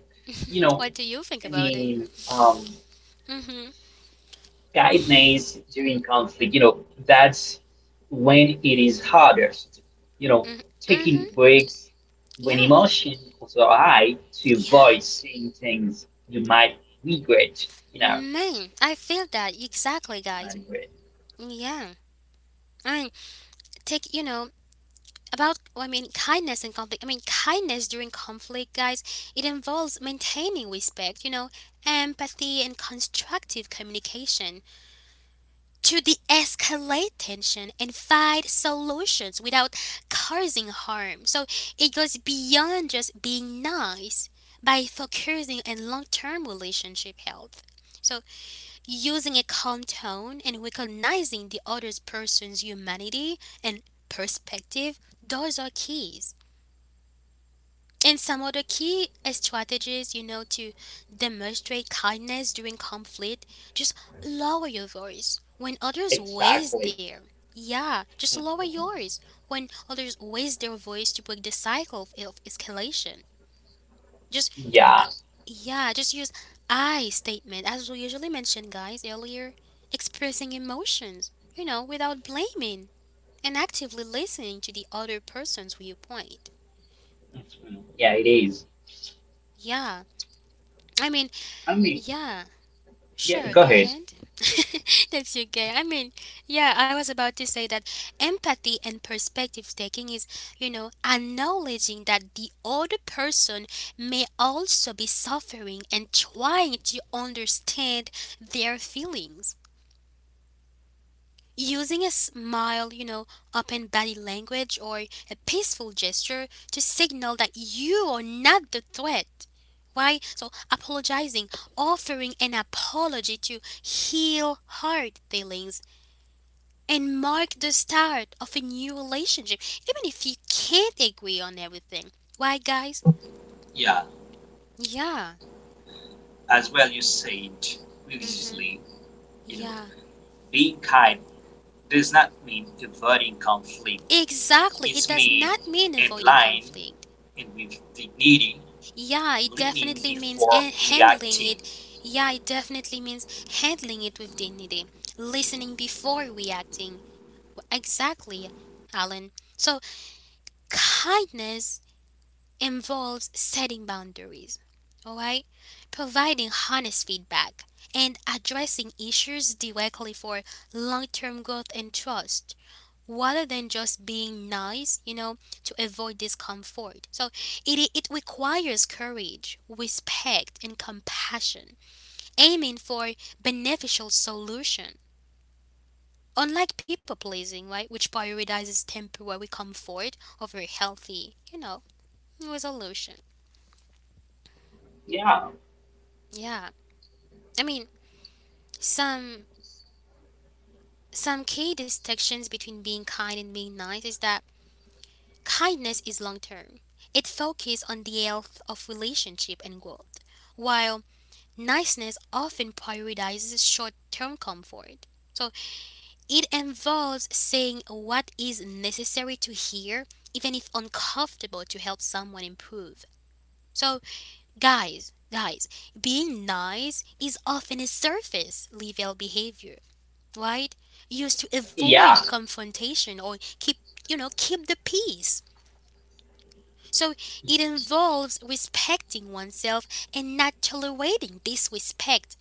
You know, What do you think I about it? mean, um. Mm-hmm. guidelines during conflict, you know, that's when it is hardest. You know, Mm-hmm. taking Mm-hmm. breaks when Yeah. emotions are high to Yeah. avoid saying things you might regret. You know, Man, I feel that exactly, you might guys. regret. Yeah. I take you know about well, i mean kindness and conflict, i mean kindness during conflict, guys. It involves maintaining respect, you know empathy and constructive communication to de-escalate tension and find solutions without causing harm. So it goes beyond just being nice by focusing on long-term relationship health. So using a calm tone and recognizing the other person's humanity and perspective, those are keys. And some other key strategies, you know, to demonstrate kindness during conflict, just lower your voice when others raise Exactly. their. Yeah, just lower yours when others raise their voice to break the cycle of escalation. Just Yeah. uh, yeah, just use I statement as we usually mentioned, guys, earlier. Expressing emotions, you know, without blaming and actively listening to the other person's viewpoint. Mhm. Yeah, it is. Yeah, I mean, I mean, yeah, yeah, sure, go go ahead. ahead. That's okay. I mean, yeah, I was about to say that empathy and perspective taking is, you know, acknowledging that the other person may also be suffering and trying to understand their feelings. Using a smile, you know, open body language, or a peaceful gesture to signal that you are not the threat. Why? So, apologizing, offering an apology to heal hurt feelings and mark the start of a new relationship, even if you can't agree on everything. Why, guys? Yeah, Yeah. as well you said Mm-hmm. previously, you know, Yeah. being kind does not mean avoiding conflict. Exactly. It It does means not mean avoiding aligning conflict. and with dignity, Yeah, it leaning definitely means before and handling reacting. it. Yeah, it definitely means handling it with dignity, listening before reacting. Exactly, Alan. So, kindness involves setting boundaries, all right? Providing honest feedback and addressing issues directly for long term growth and trust rather than just being nice, you know, to avoid discomfort. So it, it requires courage, respect, and compassion, aiming for beneficial solution. Unlike people pleasing, right, which prioritizes temporary comfort over healthy, you know, resolution. Yeah. Yeah. I mean, some some key distinctions between being kind and being nice is that kindness is long term. It focuses on the health of relationship and growth, while niceness often prioritizes short term comfort. So it involves saying what is necessary to hear, even if uncomfortable, to help someone improve. So, guys, guys, being nice is often a surface level behavior, right? Used to Yeah. avoid confrontation or keep, you know, keep the peace. So it involves respecting oneself and not tolerating disrespect.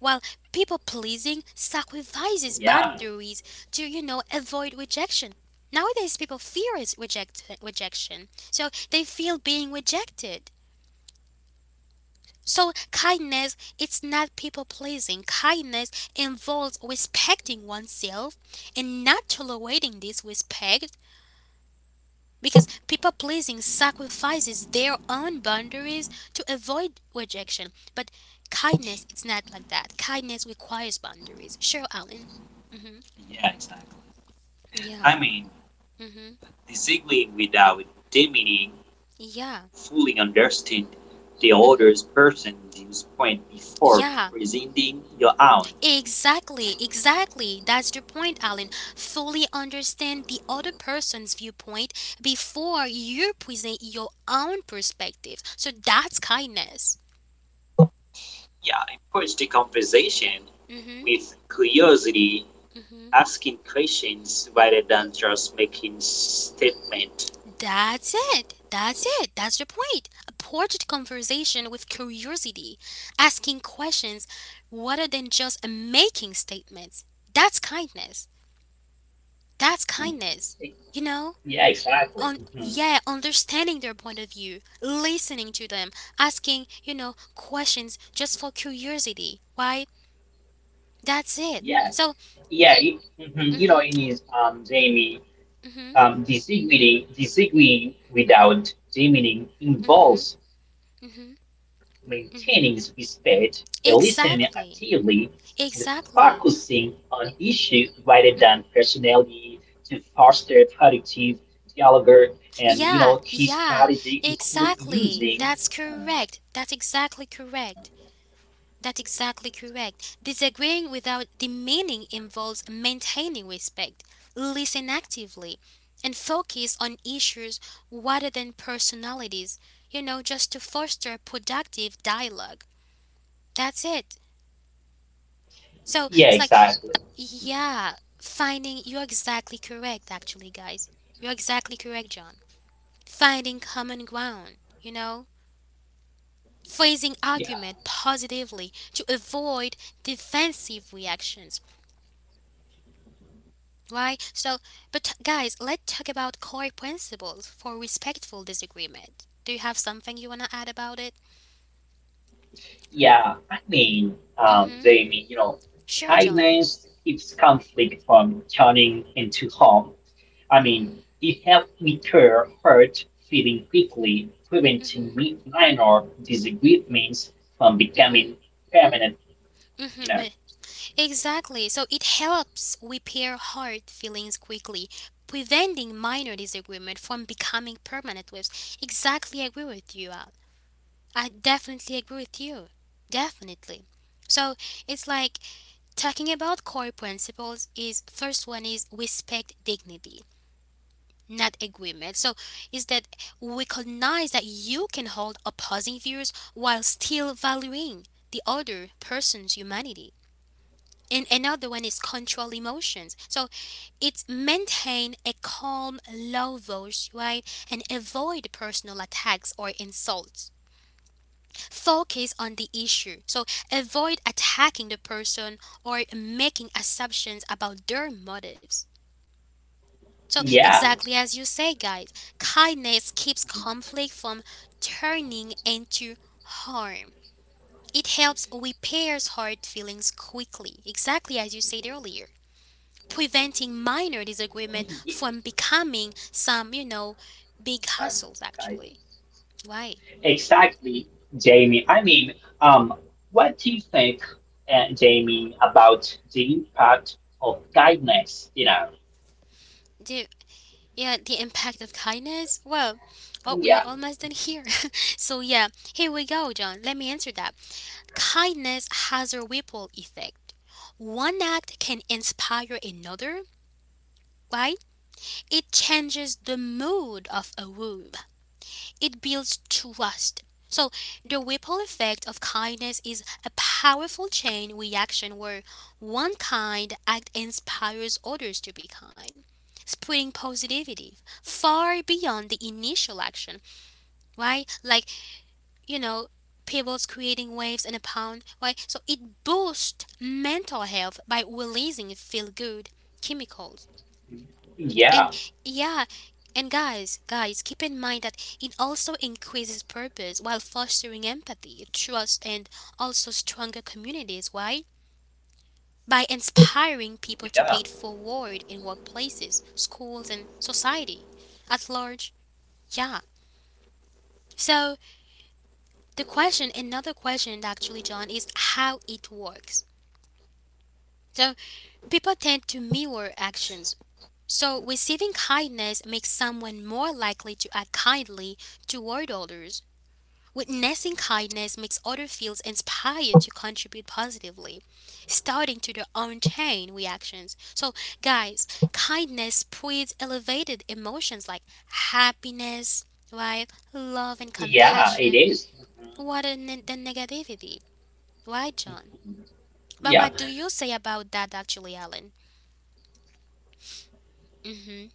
While people pleasing Yeah. sacrifices boundaries to, you know, avoid rejection. Nowadays, people fear is reject- rejection, so they feel being rejected. So kindness, it's not people pleasing. Kindness involves respecting oneself and not tolerating disrespect. Because people pleasing sacrifices their own boundaries to avoid rejection. But kindness, it's not like that. Kindness requires boundaries. Sure, Alan. Mm-hmm. Yeah, exactly. Yeah. I mean, Mm-hmm. disagreeing without demeaning, Yeah. fully understand the other Mm-hmm. person's viewpoint before Yeah, presenting your own. exactly, exactly. That's the point, Alan. Fully understand the other person's viewpoint before you present your own perspective. So that's kindness. Yeah, approach the conversation Mm-hmm. with curiosity, Mm-hmm. asking questions rather than just making statement. That's it. That's it. That's the point. Approach the conversation with curiosity, asking questions rather than just making statements. That's kindness. That's Mhm. kindness. You know? Yeah, exactly. On Mhm. yeah, understanding their point of view, listening to them, asking, you know, questions just for curiosity. Why? That's it. Yeah, So, yeah, you, mhm, you know, mhm, it is, um, Jamie. mhm, Um, disagreeing, disagreeing without demeaning mhm, involves mhm, maintaining respect, mhm. listening actively, Exactly. and focusing on Exactly. issues rather than personality to foster productive dialogue. And you know, Yeah, key yeah, strategy include exactly. using. That's correct. That's exactly correct. That's exactly correct. Disagreeing without demeaning involves maintaining respect, listen actively, and focus on issues rather than personalities, you know, just to foster productive dialogue. That's it. So Yeah, it's like, exactly. yeah, finding, you're exactly correct, actually, guys. You're exactly correct, John. Finding common ground, you know? Phrasing Yeah, argument positively to avoid defensive reactions, right? So but guys, let's talk about core principles for respectful disagreement. Do you have something you want to add about it? yeah. I mean, um, Mm-hmm. Jamie, you know, Sure, John. kindness keeps conflict from turning into harm. I mean, Mm-hmm. it helped me clear hurt feeling quickly, Mm-hmm. preventing mi- minor disagreements from Mm-hmm. becoming permanent. You Mm know, wait. Exactly. So it helps repair hard feelings quickly, preventing minor disagreement from becoming permanent waves. Exactly, I agree with you, Al. I definitely agree with you. Definitely. So it's like talking about core principles is first one is respect dignity, not agreement. So is that recognize that you can hold opposing views while still valuing the other person's humanity. And another one is control emotions. So it's maintain a calm, low voice, right? And avoid personal attacks or insults. Focus on the issue. So avoid attacking the person or making assumptions about their motives. So, yeah, exactly as you say, guys, kindness keeps conflict from turning into harm. It helps repairs hurt feelings quickly, exactly as you said earlier, preventing yeah, minor disagreement from becoming some, you know, big hassles actually. Why? exactly, Jamie. I mean, um, what do you think, uh, Jamie, about the impact of kindness? You know, Do yeah, the impact of kindness. Well, oh, we yeah, are almost done here. So, yeah, here we go, John. Let me answer that. Kindness has a ripple effect. One act can inspire another, right? It changes the mood of a room. It builds trust. So, the ripple effect of kindness is a powerful chain reaction where one kind act inspires others to be kind, spreading positivity far beyond the initial action, right? Like, you know, pebbles creating waves in a pond, right? So, it boosts mental health by releasing feel good chemicals yeah, and yeah, and guys, guys, keep in mind that it also increases purpose while fostering empathy, trust, and also stronger communities. Why? By inspiring people Yeah, to pay it forward in workplaces, schools, and society at large. Yeah. So the question, another question actually, John, is how it works. So people tend to mirror actions. So receiving kindness makes someone more likely to act kindly toward others. Witnessing kindness makes others feel inspired to contribute positively, starting to their own chain reactions. So, guys, kindness spreads elevated emotions like happiness, right? Love and yeah, it compassion, is. rather than than negativity. Right, John? Mhm. But Yeah, what do you say about that, actually, Alan? Hmm.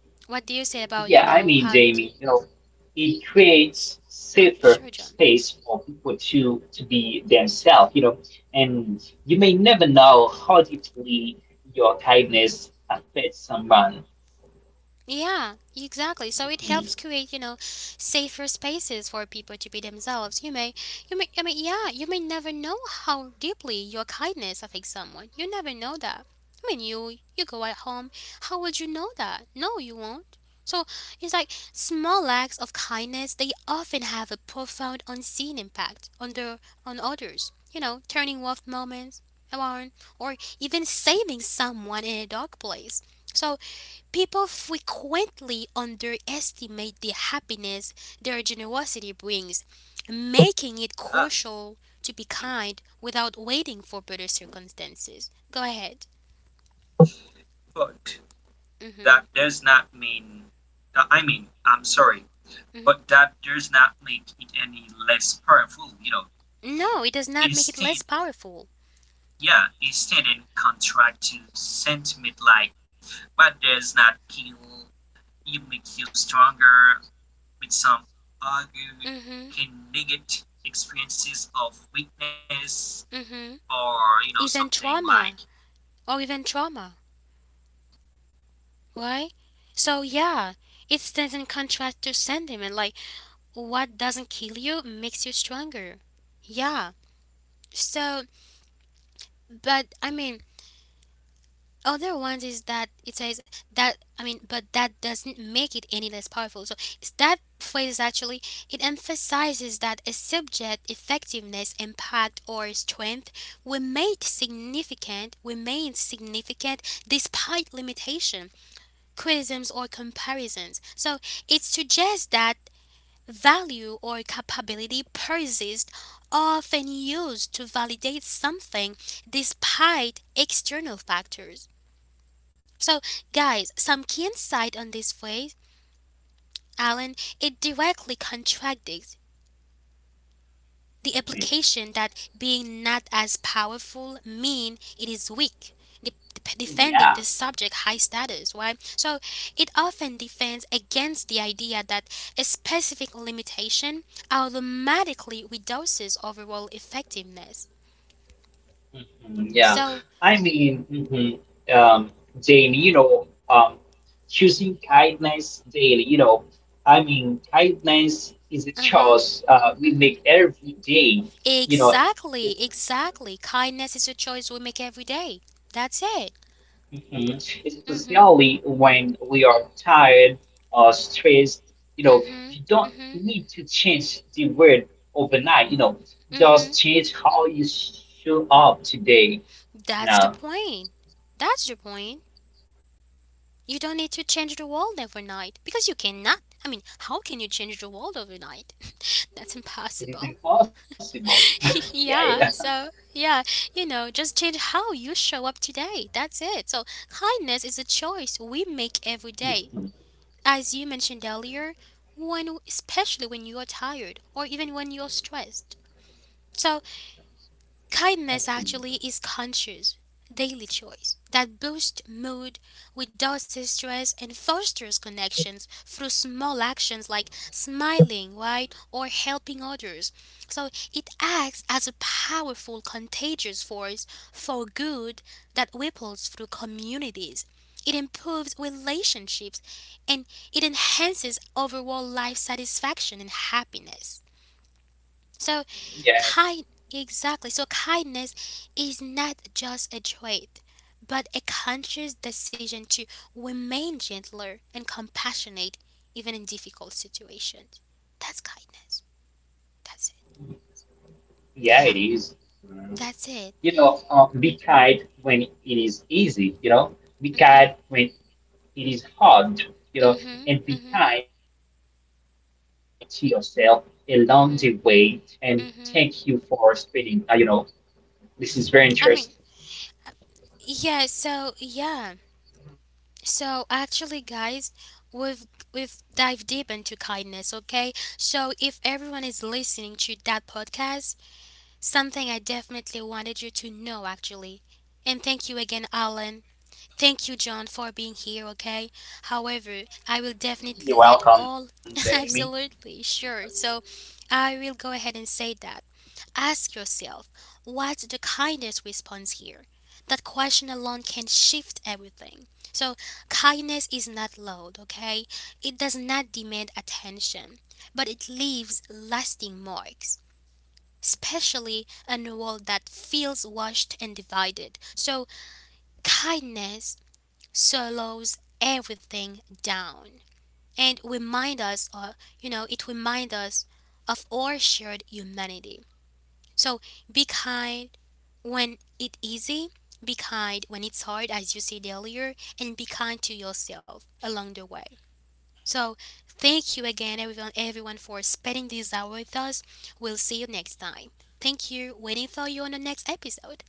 yeah. I What do you mean, say about, Jamie, you you know, know, how do you. it creates safer Oh, sure, space John. for people to to be themselves you know and you may never know how deeply your kindness affects someone. Yeah, Mhm, exactly. So it helps create, you know, safer spaces for people to be themselves. You may, you may, I mean, yeah, you may never know how deeply your kindness affects someone. You never know that. I mean, you you go at home. How would you know that? No, you won't. So it's like small acts of kindness. They often have a profound, unseen impact on the on others. You know, turning off moments around, or even saving someone in a dark place. So people frequently underestimate the happiness their generosity brings, making it yeah, crucial to be kind without waiting for better circumstances. Go ahead. but Mhm. that does not mean uh, I mean I'm sorry Mhm. but that does not make it any less powerful, you know, No, it does not it make it less stand powerful. yeah, it stand in contract to sentiment like what does not kill you make you stronger, with some argue Mhm. can negate experiences of weakness Mhm. or you know Even something trauma like or even trauma, right? So yeah, it stands in contrast to sentiment like what doesn't kill you makes you stronger. Yeah. So, but I mean, other ones is that it says that I mean, but that doesn't make it any less powerful. So it's that phrase actually it emphasizes that a subject effectiveness, impact, or strength remained significant, remains significant despite limitation, criticisms, or comparisons. So it suggests that value or capability persists, often used to validate something despite external factors. So, guys, some key insight on this phrase, Alan, it directly contradicts the mhm. implication that being not as powerful mean it is weak. de- de- Defending Yeah. the subject high status, right? So it often defends against the idea that a specific limitation automatically reduces overall effectiveness. Mhm. Yeah, So, I mean, mhm, um daily, you know, um choosing kindness daily, you know, I mean kindness is a uh huh, choice, uh, we hmm make every day you know exactly, exactly. Kindness is a choice we make every day. That's it. Mhm. Especially Mhm. when we are tired or stressed, you know, you Mhm. don't Mhm. need to change the word overnight, you know, just Mhm. change how you show up today. You That's the know, point. That's the point. You don't need to change the world overnight because you cannot. I mean, how can you change the world overnight? That's it is impossible. impossible. Yeah, yeah. Yeah. So, yeah, you know, just change how you show up today. That's it. So, kindness is a Mhm, choice we make every day. As you mentioned earlier, when especially when you are tired or even when you're stressed. So, mhm. kindness actually is conscious, daily choice that boosts mood, reduces stress, and fosters connections through small actions like smiling, right, or helping others. So it acts as a powerful contagious force for good that ripples through communities. It improves relationships and it enhances overall life satisfaction and happiness. So Yeah, kind, exactly. So kindness is not just a trait, but a conscious decision to remain gentler and compassionate even in difficult situations. That's kindness. That's it. yeah, Yeah, it is. that's it. You know, uh, be kind when it is easy, you know, be Mhm. kind when it is hard, you know, Mhm. and Mhm. be kind to yourself along the way. Mhm. And thank you for Mhm. spending, uh, you know, this is very I interesting. mean, yeah, so yeah. So actually guys, we've we've dived deep into kindness, okay? So if everyone is listening to that podcast, something I definitely wanted you to know, actually. And thank you again, Alan. Thank you, John, for being here, okay? However, I will You're definitely let welcome, all. Jamie. Absolutely, sure. So I will go ahead and say that. Ask yourself, what's the kindest response here? That question alone can shift everything. So, kindness is not loud, okay? It does not demand attention, but it leaves lasting marks especially in a world that feels washed and divided. So, kindness slows everything down and remind us or you know it reminds us of our shared humanity. So be kind when it's easy, be kind when it's hard as you said earlier and be kind to yourself along the way. So thank you again, everyone, everyone for spending this hour with us. We'll see you next time. Thank you. Waiting for you on the next episode.